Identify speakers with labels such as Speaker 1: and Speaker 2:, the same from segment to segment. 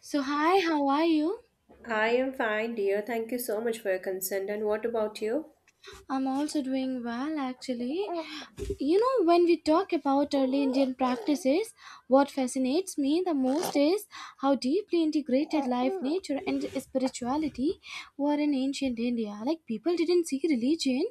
Speaker 1: So, hi, how are you?
Speaker 2: I am fine, dear. Thank you so much for your consent. And what about you?
Speaker 1: I'm also doing well actually. You know, when we talk about early Indian practices, what fascinates me the most is how deeply integrated life, nature, and spirituality were in ancient India. Like, people didn't see religion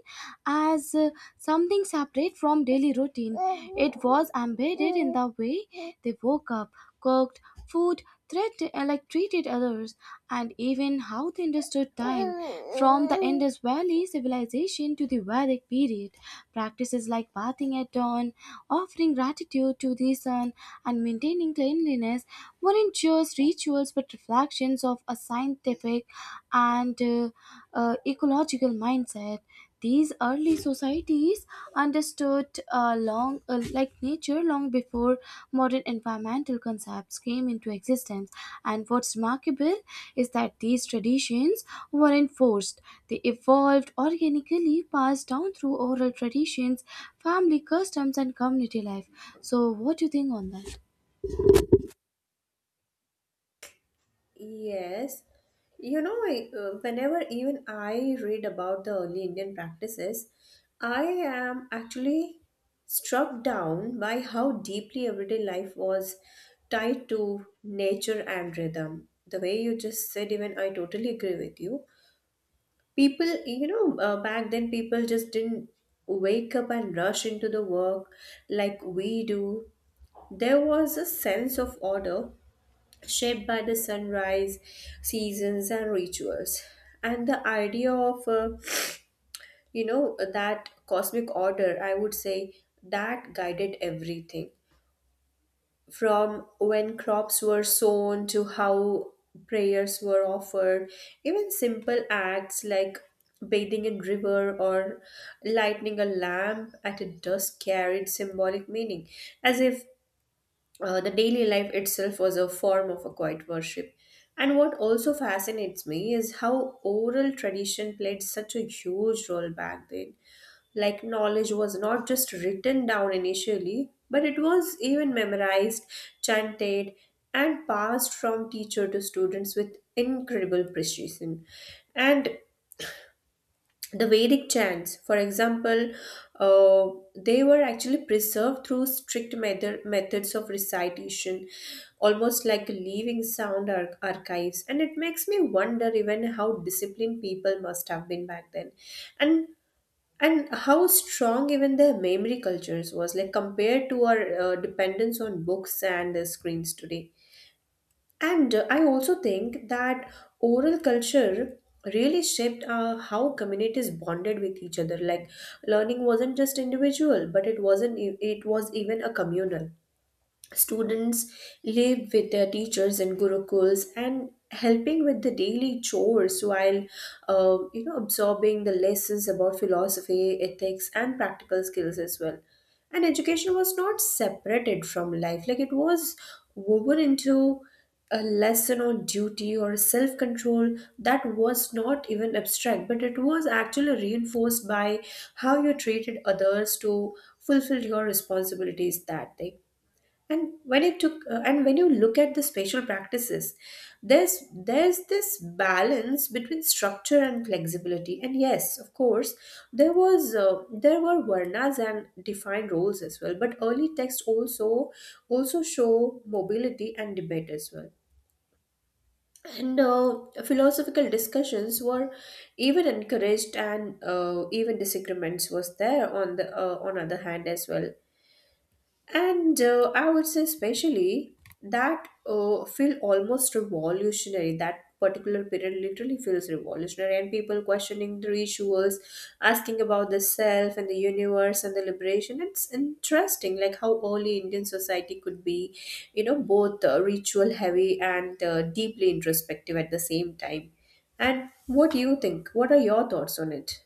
Speaker 1: as something separate from daily routine. It was embedded in the way they woke up, cooked, food, like treated others. And even how they understood time from the Indus Valley civilization to the Vedic period. Practices like bathing at dawn, offering gratitude to the sun, and maintaining cleanliness weren't just rituals but reflections of a scientific and ecological mindset. These early societies understood long like nature long before modern environmental concepts came into existence. And what's remarkable is that these traditions weren't forced, they evolved organically, passed down through oral traditions, family customs, and community life. So what do you think on that?
Speaker 2: Yes. You know, whenever even I read about the early Indian practices, I am actually struck down by how deeply everyday life was tied to nature and rhythm. The way you just said, even I totally agree with you. People, back then people just didn't wake up and rush into the work like we do. There was a sense of order shaped by the sunrise, seasons, and rituals. And the idea of, that cosmic order, I would say, that guided everything. From when crops were sown to how prayers were offered, even simple acts like bathing in river or lighting a lamp at a dusk carried symbolic meaning as if the daily life itself was a form of a quiet worship. And what also fascinates me is how oral tradition played such a huge role back then. Like, knowledge was not just written down initially, but it was even memorized, chanted, and passed from teacher to students with incredible precision. And the Vedic chants, for example, uh, they were actually preserved through methods of recitation, almost like living archives. And it makes me wonder even how disciplined people must have been back then, and and how strong even their memory cultures was, like compared to our dependence on books and screens today. And I also think that oral culture really shaped how communities bonded with each other. Like learning wasn't just individual, but it wasn't e- it was even a communal. Students lived with their teachers in gurukuls and helping with the daily chores while absorbing the lessons about philosophy, ethics, and practical skills as well. And education was not separated from life; like it was woven into a lesson on duty or self control that was not even abstract, but it was actually reinforced by how you treated others to fulfill your responsibilities that day. And when it took and when you look at the spatial practices, there's this balance between structure and flexibility. And yes, of course, there was there were varnas and defined roles as well, but early texts also show mobility and debate as well. And philosophical discussions were even encouraged, and even disagreements was there on the on other hand as well. And I would say, especially, that feel almost revolutionary. That particular period literally feels revolutionary, and people questioning the rituals, asking about the self and the universe and the liberation. It's interesting, like how early Indian society could be, you know, both ritual heavy and deeply introspective at the same time. And what do you think? What are your thoughts on it?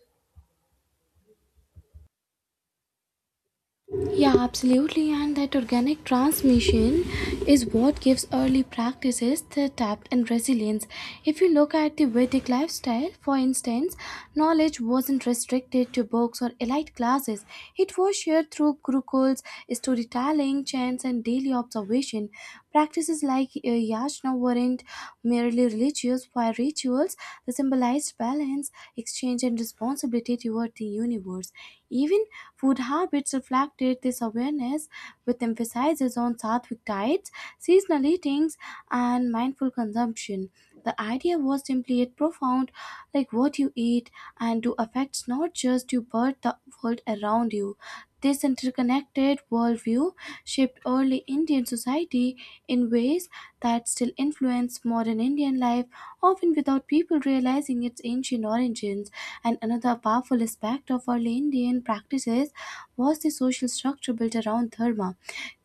Speaker 1: Yeah, absolutely. And that organic transmission is what gives early practices the depth and resilience. If you look at the Vedic lifestyle, for instance, knowledge wasn't restricted to books or elite classes. It was shared through gurukuls, storytelling, chants, and daily observation. Practices like yajna weren't merely religious, were rituals, they symbolized balance, exchange, and responsibility toward the universe. Even food habits reflected this awareness, with emphasis on sattvic diets, seasonal eatings, and mindful consumption. The idea was simply yet profound, like what you eat and do affects not just you but the world around you. This interconnected worldview shaped early Indian society in ways that still influence modern Indian life, often without people realizing its ancient origins. And another powerful aspect of early Indian practices was the social structure built around Dharma.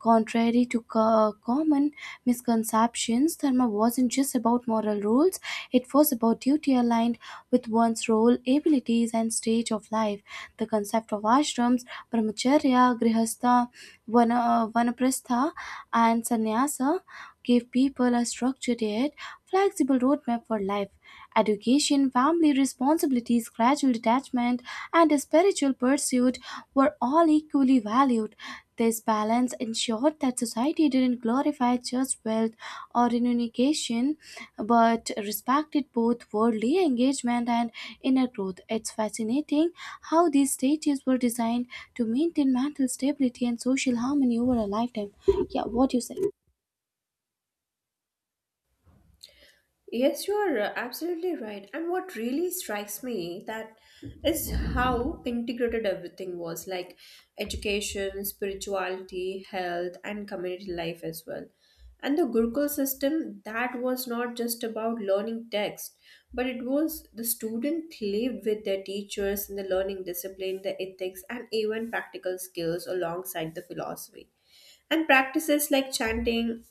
Speaker 1: Contrary to common misconceptions, Dharma wasn't just about moral rules, it was about duty aligned with one's role, abilities, and stage of life. The concept of ashrams, brahmacharya, grihastha, vana, vanaprastha, and sannyasa gave people a structured yet flexible roadmap for life. Education, family responsibilities, gradual detachment, and a spiritual pursuit were all equally valued. This balance ensured that society didn't glorify just wealth or renunciation, but respected both worldly engagement and inner growth. It's fascinating how these stages were designed to maintain mental stability and social harmony over a lifetime. Yeah, what do you say?
Speaker 2: Yes, you are absolutely right. And what really strikes me that is how integrated everything was, like education, spirituality, health, and community life as well. And the Gurukul system, that was not just about learning text, but it was the student lived with their teachers in the learning discipline, the ethics, and even practical skills alongside the philosophy and practices like chanting,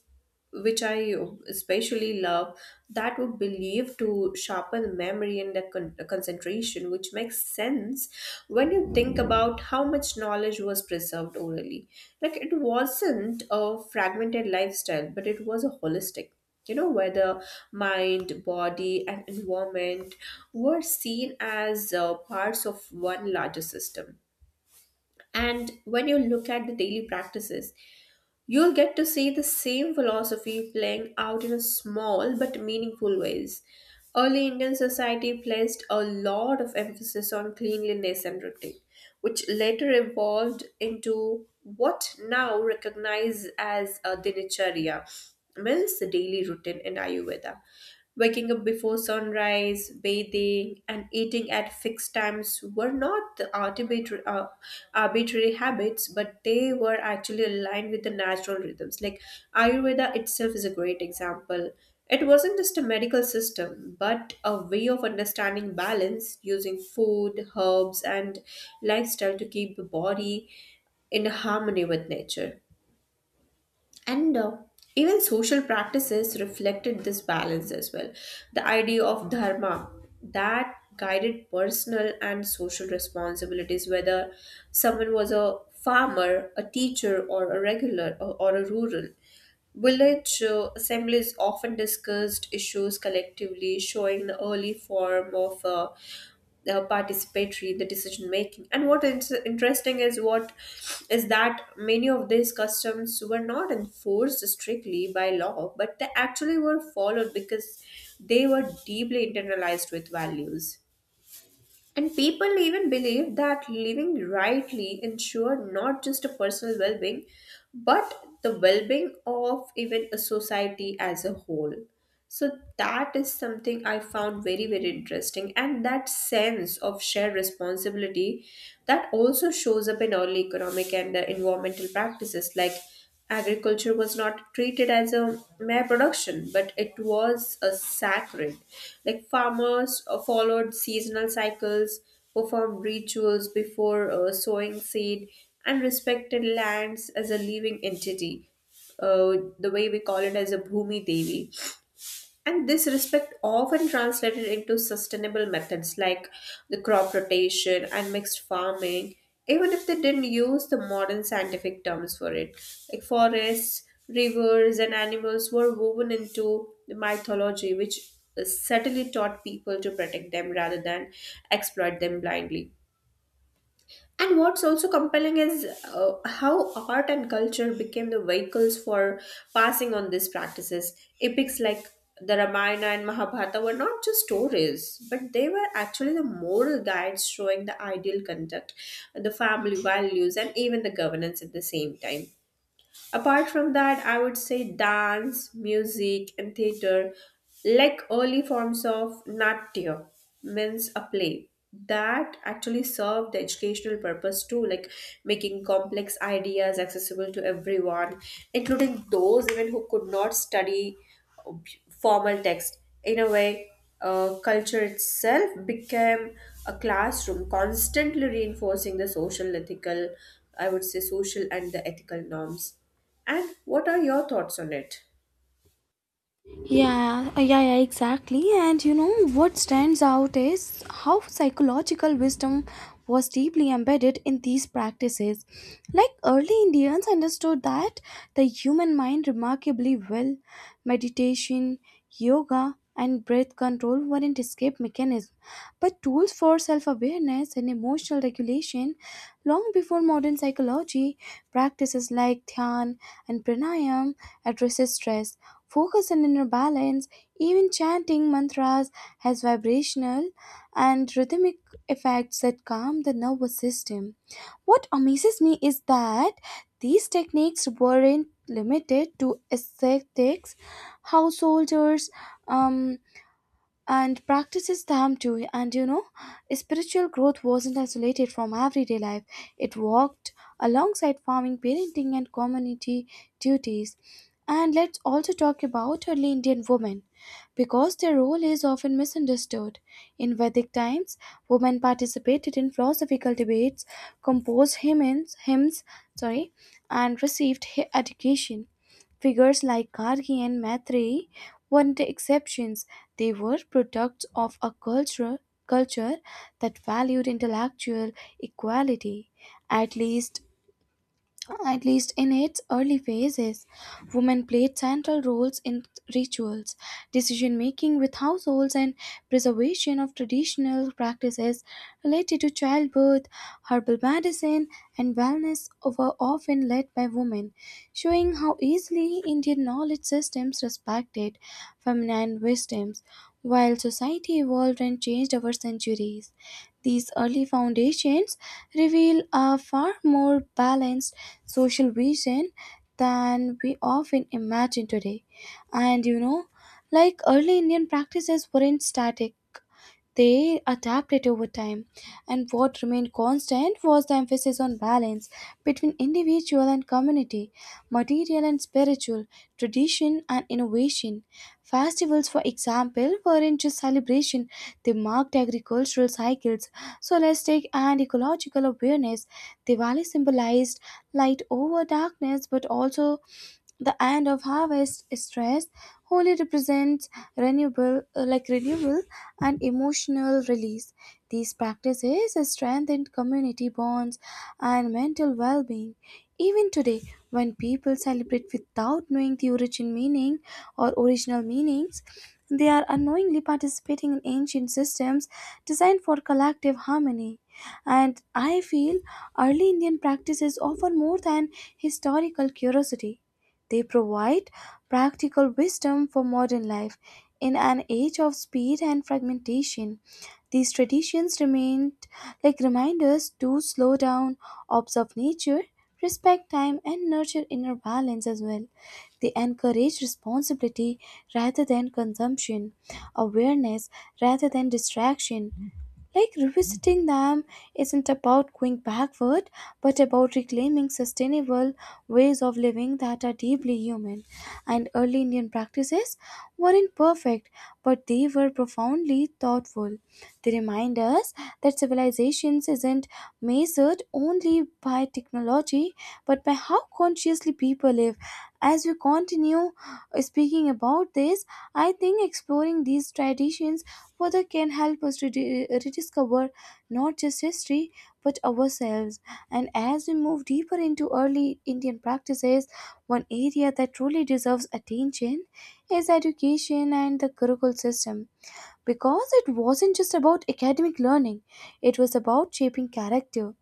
Speaker 2: which I especially love, that were believed to sharpen memory and concentration, which makes sense when you think about how much knowledge was preserved orally. Like it wasn't a fragmented lifestyle, but it was a holistic. You know, where the mind, body, and environment were seen as parts of one larger system. And when you look at the daily practices, you'll get to see the same philosophy playing out in a small but meaningful ways. Early Indian society placed a lot of emphasis on cleanliness and routine, which later evolved into what now recognized as a dinacharya, means the daily routine in Ayurveda. Waking up before sunrise, bathing, and eating at fixed times were not the arbitrary habits, but they were actually aligned with the natural rhythms. Like Ayurveda itself is a great example. It wasn't just a medical system, but a way of understanding balance using food, herbs, and lifestyle to keep the body in harmony with nature. And even social practices reflected this balance as well. The idea of dharma that guided personal and social responsibilities, whether someone was a farmer, a teacher, or a regular or a rural. Village assemblies often discussed issues collectively, showing the early form of participatory in the decision making. And what is interesting is what is that many of these customs were not enforced strictly by law, but they actually were followed because they were deeply internalized with values, and people even believe that living rightly ensure not just a personal well being, but the well being of even a society as a whole. So that is something I found very, very interesting. And that sense of shared responsibility, that also shows up in early economic and environmental practices. Like agriculture was not treated as a mere production, but it was a sacred. Like farmers followed seasonal cycles, performed rituals before sowing seed, and respected lands as a living entity. The way we call it as a Bhumi Devi. And this respect often translated into sustainable methods like the crop rotation and mixed farming, even if they didn't use the modern scientific terms for it. Like forests, rivers, and animals were woven into the mythology, which subtly taught people to protect them rather than exploit them blindly. And what's also compelling is how art and culture became the vehicles for passing on these practices. Epics like the Ramayana and Mahabharata were not just stories, but they were actually the moral guides showing the ideal conduct, the family values, and even the governance at the same time. Apart from that, I would say dance, music, and theater, like early forms of natya, means a play that actually served the educational purpose too, like making complex ideas accessible to everyone, including those even who could not study uh, formal text. In a way, culture itself became a classroom, constantly reinforcing the social, ethical, I would say, social and the ethical norms. And what are your thoughts on it?
Speaker 1: Yeah, exactly. And you know what stands out is how psychological wisdom was deeply embedded in these practices. Like early Indians understood that the human mind remarkably well. Meditation, yoga, and breath control weren't escape mechanisms, but tools for self awareness and emotional regulation long before modern psychology. Practices like dhyan and pranayam addresses stress, focus and inner balance, even chanting mantras has vibrational and rhythmic effects that calm the nervous system. What amazes me is that these techniques weren't limited to ascetics, householders, um, and practices them too. And you know, spiritual growth wasn't isolated from everyday life, it walked alongside farming, parenting, and community duties. And let's also talk about early Indian women because their role is often misunderstood. In Vedic times, women participated in philosophical debates, composed hymns, sorry, and received education. Figures like Gargi and Maitreyi weren't exceptions. They were products of a culture that valued intellectual equality, at least at least in its early phases, women played central roles in rituals, decision making with households, and preservation of traditional practices related to childbirth, herbal medicine, and wellness were often led by women, showing how easily Indian knowledge systems respected feminine wisdoms while society evolved and changed over centuries. These early foundations reveal a far more balanced social vision than we often imagine today. And you know, like early Indian practices weren't static, they adapted over time, and what remained constant was the emphasis on balance between individual and community, material and spiritual, tradition and innovation. Festivals, for example, weren't just celebration, they marked agricultural cycles, solastic and ecological awareness. Diwali symbolized light over darkness but also the end of harvest stress. Holy represents renewable, like renewal and emotional release. These practices strengthen community bonds and mental well being. Even today, when people celebrate without knowing the original meanings, they are unknowingly participating in ancient systems designed for collective harmony. And I feel early Indian practices offer more than historical curiosity. They provide practical wisdom for modern life. In an age of speed and fragmentation, these traditions remain like reminders to slow down, observe nature, respect time, and nurture inner balance as well. They encourage responsibility rather than consumption, awareness rather than distraction, like revisiting them isn't about going backward, but about reclaiming sustainable ways of living that are deeply human. And early Indian practices weren't perfect, but they were profoundly thoughtful. They remind us that civilizations isn't measured only by technology, but by how consciously people live. As we continue speaking about this, I think exploring these traditions further can help us to rediscover not just history but ourselves. And as we move deeper into early Indian practices, one area that truly deserves attention is education and the Gurukul system. Because it wasn't just about academic learning, it was about shaping character.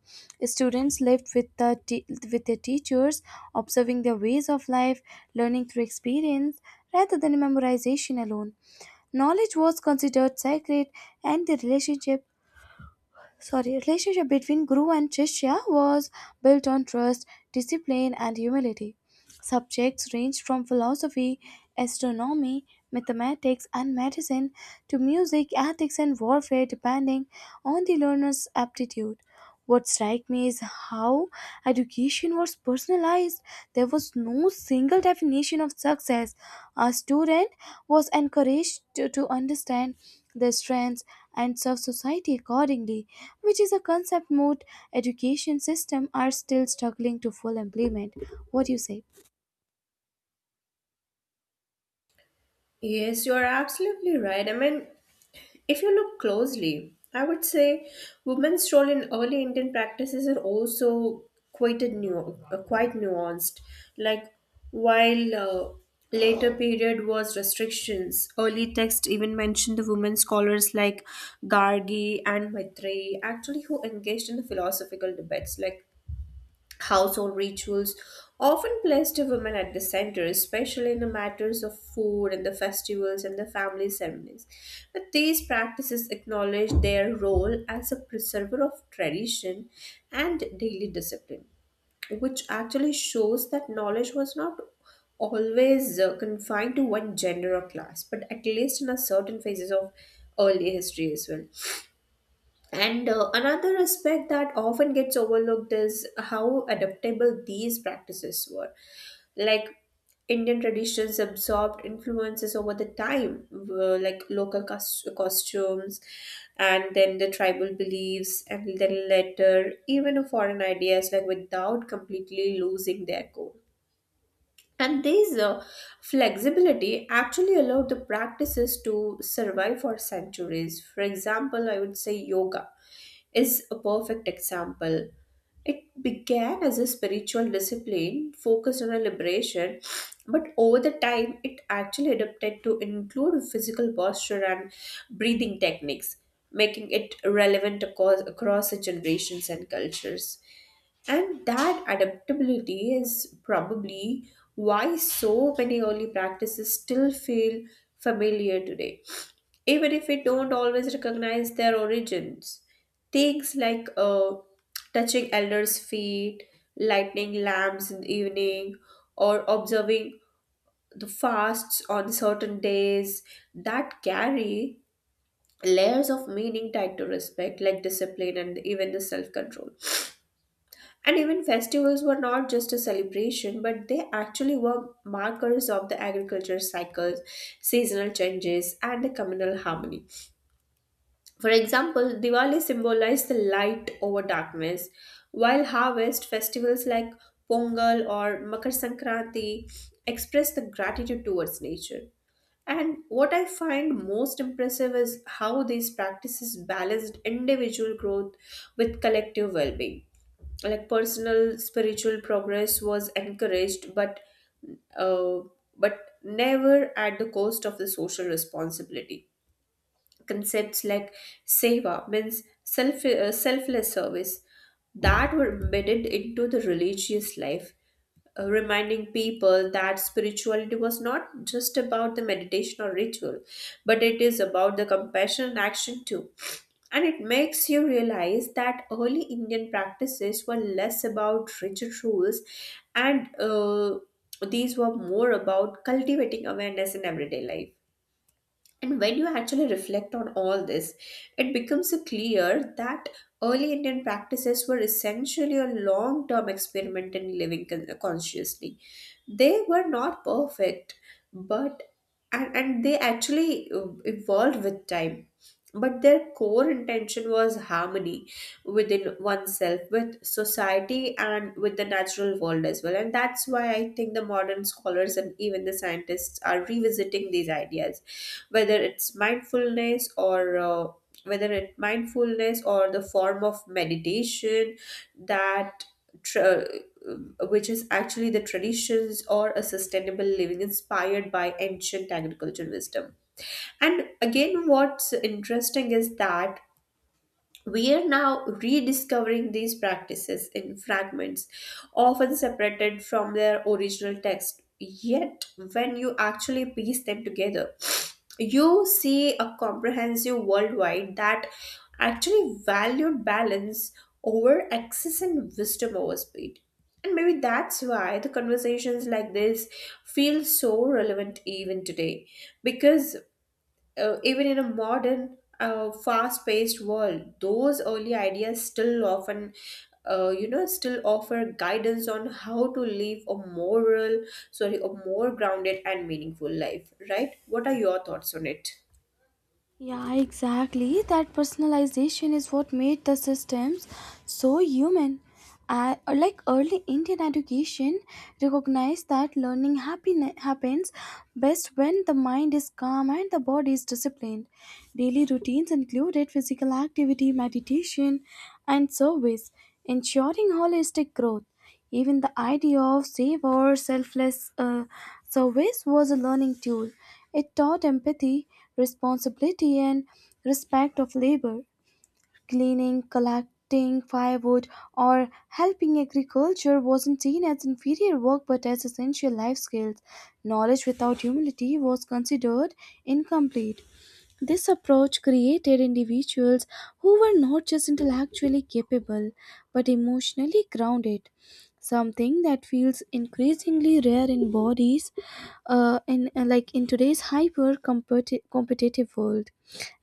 Speaker 1: Students lived with their teachers, observing their ways of life, learning through experience rather than memorization alone. Knowledge was considered sacred, and the relationship between Guru and Shishya was built on trust, discipline, and humility. Subjects ranged from philosophy, astronomy, mathematics, and medicine to music, ethics, and warfare, depending on the learner's aptitude. What strikes me is how education was personalized. There was no single definition of success. A student was encouraged to understand their strengths and serve society accordingly, which is a concept most education system are still struggling to full implement. What do you say?
Speaker 2: Yes, you are absolutely right. I mean, if you look closely, I would say women's role in early Indian practices are also quite nuanced. Like while later period was restrictions, early text even mentioned the women scholars like Gargi and Maitreyi, actually who engaged in the philosophical debates. Like household rituals often placed women at the center, especially in the matters of food and the festivals and the family ceremonies. But these practices acknowledge their role as a preserver of tradition and daily discipline, which actually shows that knowledge was not always confined to one gender or class, but at least in a certain phases of early history as well. And another aspect that often gets overlooked is how adaptable these practices were. Like Indian traditions absorbed influences over the time, like costumes, and then the tribal beliefs, and then later even foreign ideas, like without completely losing their core. And this flexibility actually allowed the practices to survive for centuries. For example, I would say yoga is a perfect example. It began as a spiritual discipline focused on a liberation, but over the time, it actually adapted to include physical posture and breathing techniques, making it relevant across the generations and cultures. And that adaptability is probably why so many early practices still feel familiar today, even if we don't always recognize their origins. Things like touching elders' feet, lighting lamps in the evening, or observing the fasts on certain days that carry layers of meaning tied to respect, like discipline and even the self control. And even festivals were not just a celebration, but they actually were markers of the agriculture cycles, seasonal changes, and the communal harmony. For example, Diwali symbolized the light over darkness, while harvest festivals like Pongal or Makar Sankranti express the gratitude towards nature. And what I find most impressive is how these practices balanced individual growth with collective well being, like personal spiritual progress was encouraged, but uh, but never at the cost of the social responsibility. Concepts like seva means selfless service that were embedded into the religious life, reminding people that spirituality was not just about the meditation or ritual, but it is about the compassion and action too. And it makes you realize that early Indian practices were less about rigid rules and these were more about cultivating awareness in everyday life. And when you actually reflect on all this, it becomes clear that early Indian practices were essentially a long term experiment in living consciously. They were not perfect, but and they actually evolved with time. But their core intention was harmony within oneself, with society, and with the natural world as well. And that's why I think the modern scholars and even the scientists are revisiting these ideas, whether it's mindfulness or whether it mindfulness or the form of meditation that tra- which is actually the traditions or a sustainable living inspired by ancient agricultural wisdom. And again, what's interesting is that we are now rediscovering these practices in fragments, often separated from their original text. Yet, when you actually piece them together, you see a comprehensive worldwide that actually valued balance over excess and wisdom over speed. And maybe that's why the conversations like this feel so relevant even today, because even in a modern fast-paced world, those early ideas still often still offer guidance on how to live a moral sorry a more grounded and meaningful life. Right, what are your thoughts on it?
Speaker 1: Yeah, exactly. That personalization is what made the systems so human. Like early Indian education recognized that learning happens best when the mind is calm and the body is disciplined. Daily routines included physical activity, meditation, and service, ensuring holistic growth. Even the idea of save or selfless service was a learning tool. It taught empathy, responsibility, and respect of labor. Cleaning, collecting firewood, or helping agriculture wasn't seen as inferior work but as essential life skills. Knowledge without humility was considered incomplete. This approach created individuals who were not just intellectually capable but emotionally grounded, something that feels increasingly rare in bodies in like in today's hyper competitive world.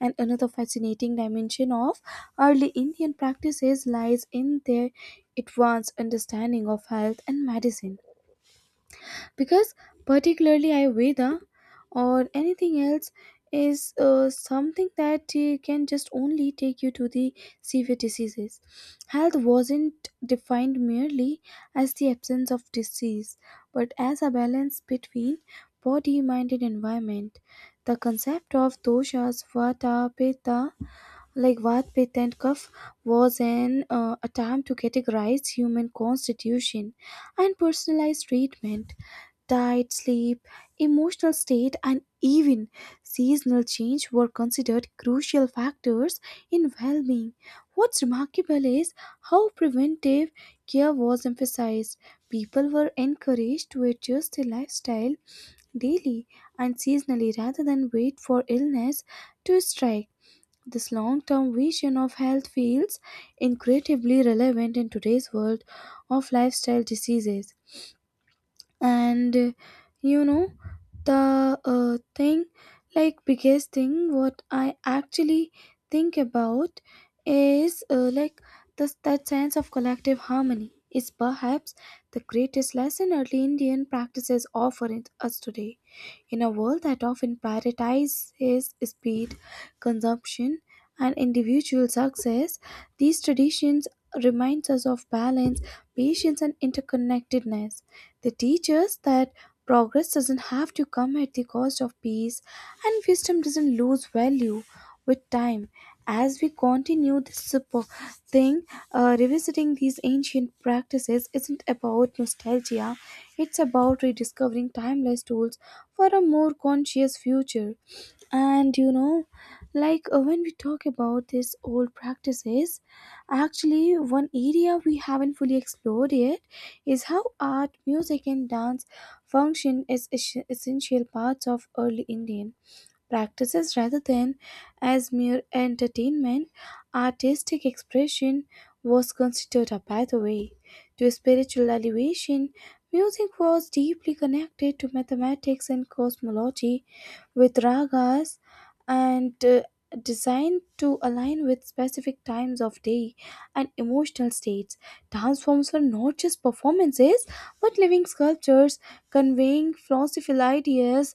Speaker 1: And another fascinating dimension of early Indian practices lies in their advanced understanding of health and medicine, because particularly ayurveda or anything else is something that can just only take you to the severe diseases. Health wasn't defined merely as the absence of disease but as a balance between body mind and environment. The concept of doshas vata pitta and kapha was an attempt to categorize human constitution and personalize treatment. Diet, sleep, emotional state, and even seasonal change were considered crucial factors in well being. What's remarkable is how preventive care was emphasized. People were encouraged to adjust their lifestyle daily and seasonally rather than wait for illness to strike. This long term vision of health feels incredibly relevant in today's world of lifestyle diseases and you know the thing like biggest thing what I actually think about is like the, that sense of collective harmony is perhaps the greatest lesson early Indian practices us today. In a world that often prioritizes speed, consumption, and individual success, these traditions reminds us of balance, patience, and interconnectedness. They teach us that progress doesn't have to come at the cost of peace, and wisdom doesn't lose value with time. As we continue this thing, revisiting these ancient practices isn't about nostalgia, it's about rediscovering timeless tools for a more conscious future. And you know, like when we talk about these old practices, actually, one area we haven't fully explored yet is how art, music, and dance function as essential parts of early Indian practices rather than as mere entertainment. Artistic expression was considered a pathway to spiritual elevation. Music was deeply connected to mathematics and cosmology, with ragas and designed to align with specific times of day and emotional states. Dance forms were not just performances but living sculptures conveying philosophical ideas,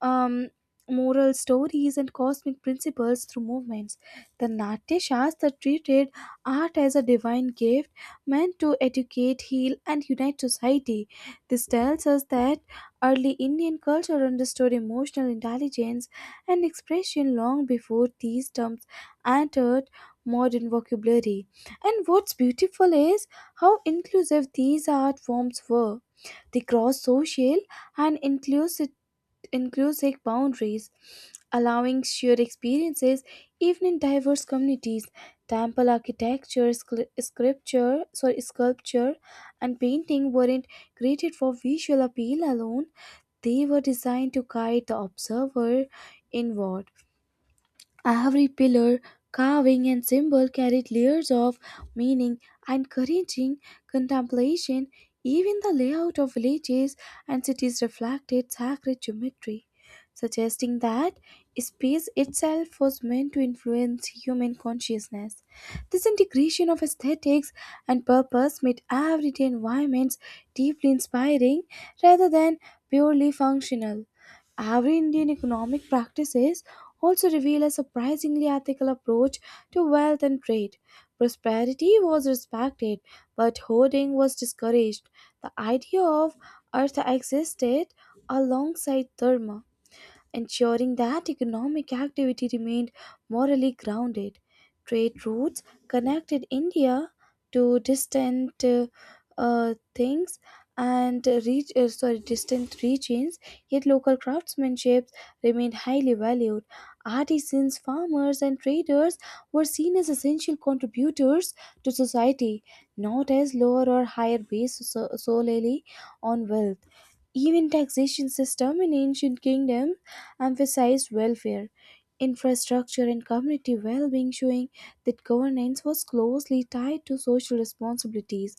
Speaker 1: um, moral stories, and cosmic principles through movements. The Natya Shastra treated art as a divine gift meant to educate, heal, and unite society. This tells us that early Indian culture understood emotional intelligence and expression long before these terms entered modern vocabulary. And what's beautiful is how inclusive these art forms were. They cross social and inclusive boundaries, allowing shared experiences even in diverse communities. Temple architecture, sculpture, and painting weren't created for visual appeal alone. They were designed to guide the observer inward. Every pillar, carving, and symbol carried layers of meaning, encouraging contemplation. Even the layout of villages and cities reflected sacred geometry, suggesting that space itself was meant to influence human consciousness. This integration of aesthetics and purpose made everyday environments deeply inspiring rather than purely functional. Every Indian economic practices also reveal a surprisingly ethical approach to wealth and trade. Prosperity was respected, but hoarding was discouraged. The idea of artha existed alongside dharma, ensuring that economic activity remained morally grounded. Trade routes connected India to distant things and reach, sorry, distant regions, yet local craftsmanship remained highly valued. Artisans, farmers, and traders were seen as essential contributors to society, not as lower or higher based solely on wealth. Even taxation system in ancient kingdom emphasized welfare, infrastructure and community well-being, showing that governance was closely tied to social responsibilities.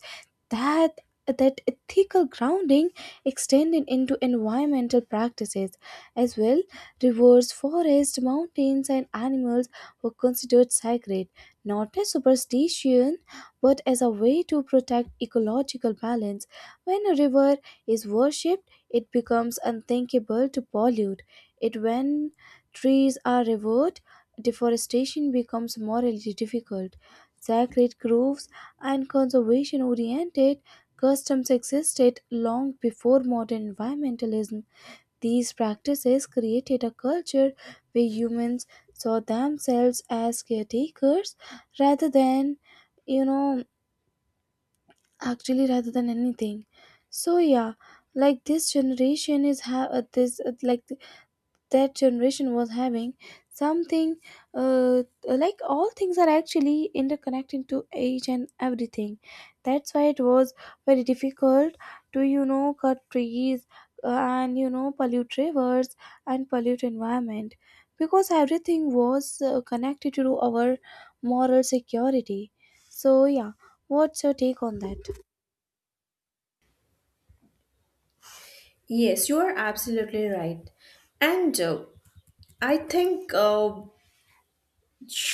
Speaker 1: That ethical grounding extended into environmental practices as well. Rivers, forests, mountains and animals were considered sacred, not as superstition but as a way to protect ecological balance. When a river is worshipped, it becomes unthinkable to pollute it. When trees are removed, deforestation becomes morally difficult. Sacred groves and conservation oriented customs existed long before modern environmentalism. These practices created a culture where humans saw themselves as caretakers rather than, you know, actually rather than anything. So yeah, like this generation is have this like th- that generation was having something, like all things are actually interconnected to age and everything. That's why it was very difficult to, you know, cut trees, and you know pollute rivers and pollute environment, because everything was connected to our moral security. So yeah, what's your take on that?
Speaker 2: Yes, you are absolutely right. And I think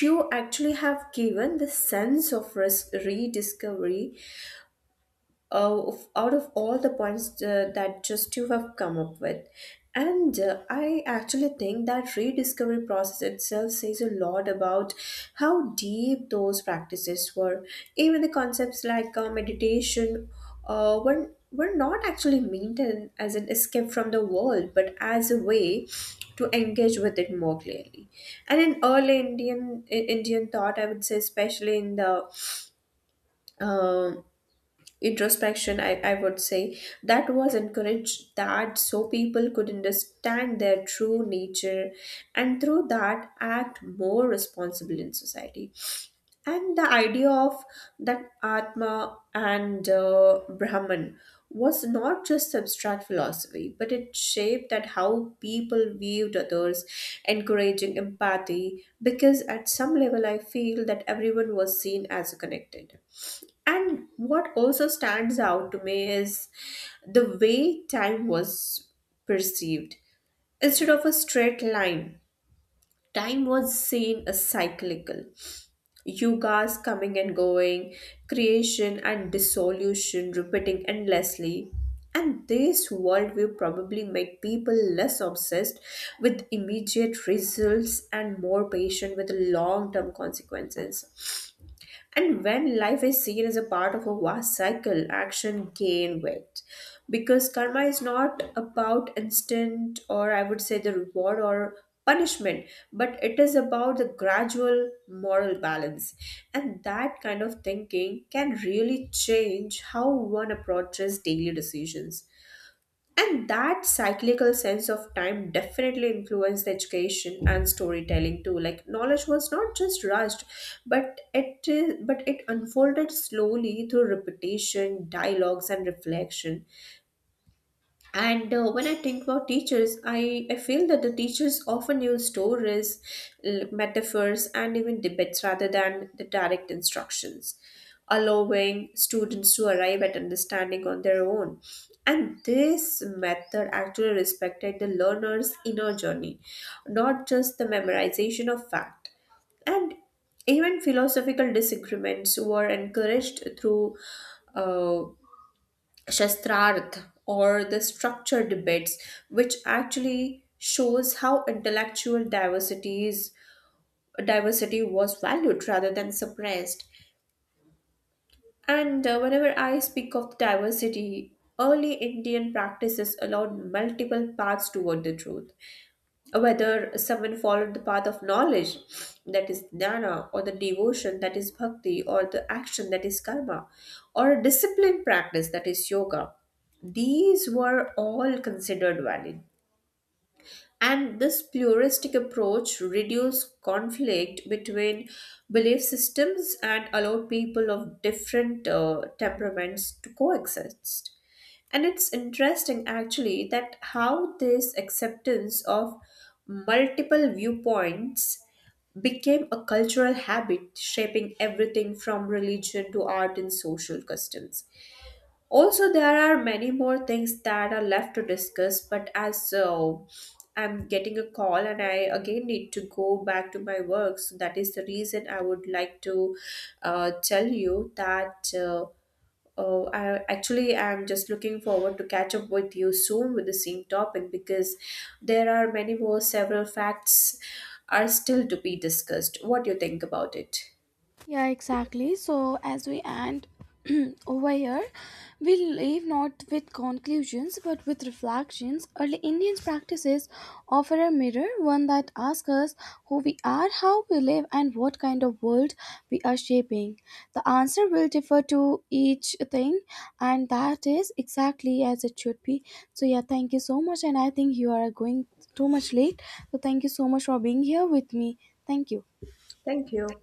Speaker 2: You actually have given the sense of risk rediscovery of- out of all the points that just you have come up with. And I actually think that rediscovery process itself says a lot about how deep those practices were. Even the concepts like meditation were not actually meant as an escape from the world but as a way to engage with it more clearly. And in early Indian, in Indian thought, I would say, especially in the uh, introspection, I would say that was encouraged, that so people could understand their true nature and through that act more responsible in society. And the idea of that atma and brahman was not just abstract philosophy but it shaped that how people viewed others, encouraging empathy, because at some level I feel that everyone was seen as connected. And what also stands out to me is the way time was perceived. Instead of a straight line, time was seen as cyclical. Yugas coming and going, creation and dissolution repeating endlessly. And this worldview probably make people less obsessed with immediate results and more patient with long-term consequences. And when life is seen as a part of a vast cycle, action gain weight. Because karma is not about instant, or I would say the reward or punishment, but it is about the gradual moral balance. And that kind of thinking can really change how one approaches daily decisions. And that cyclical sense of time definitely influenced the education and storytelling too. Like, knowledge was not just rushed, but it unfolded slowly through repetition, dialogues, and reflection. And When I think about teachers, I feel that the teachers often use stories, metaphors, and even debates rather than the direct instructions, allowing students to arrive at understanding on their own. And this method actually respected the learner's inner journey, not just the memorization of fact. And even philosophical disagreements were encouraged through uh. Shastrarth or the structure debates, which actually shows how intellectual diversities diversity was valued rather than suppressed. And whenever I speak of diversity, early Indian practices allowed multiple paths toward the truth, whether someone followed the path of knowledge, that is dhyana, or the devotion, that is bhakti, or the action, that is karma, or a disciplined practice, that is yoga. These were all considered valid, and this pluralistic approach reduced conflict between belief systems and allowed people of different temperaments to coexist. And it's interesting actually that how this acceptance of multiple viewpoints became a cultural habit, shaping everything from religion to art and social customs. Also, there are many more things that are left to discuss, but as I'm getting a call and I again need to go back to my work, so that is the reason I would like to tell you that I actually am just looking forward to catch up with you soon with the same topic, because there are many more several facts are still to be discussed. What do you think about it?
Speaker 1: Yeah, exactly. So, as we end over here, we leave not with conclusions but with reflections. Early Indians' practices offer a mirror, one that asks us who we are, how we live, and what kind of world we are shaping. The answer will differ to each thing, and that is exactly as it should be. So, yeah, thank you so much. And I think you are going too much late. So, thank you so much for being here with me. Thank you.
Speaker 2: Thank you.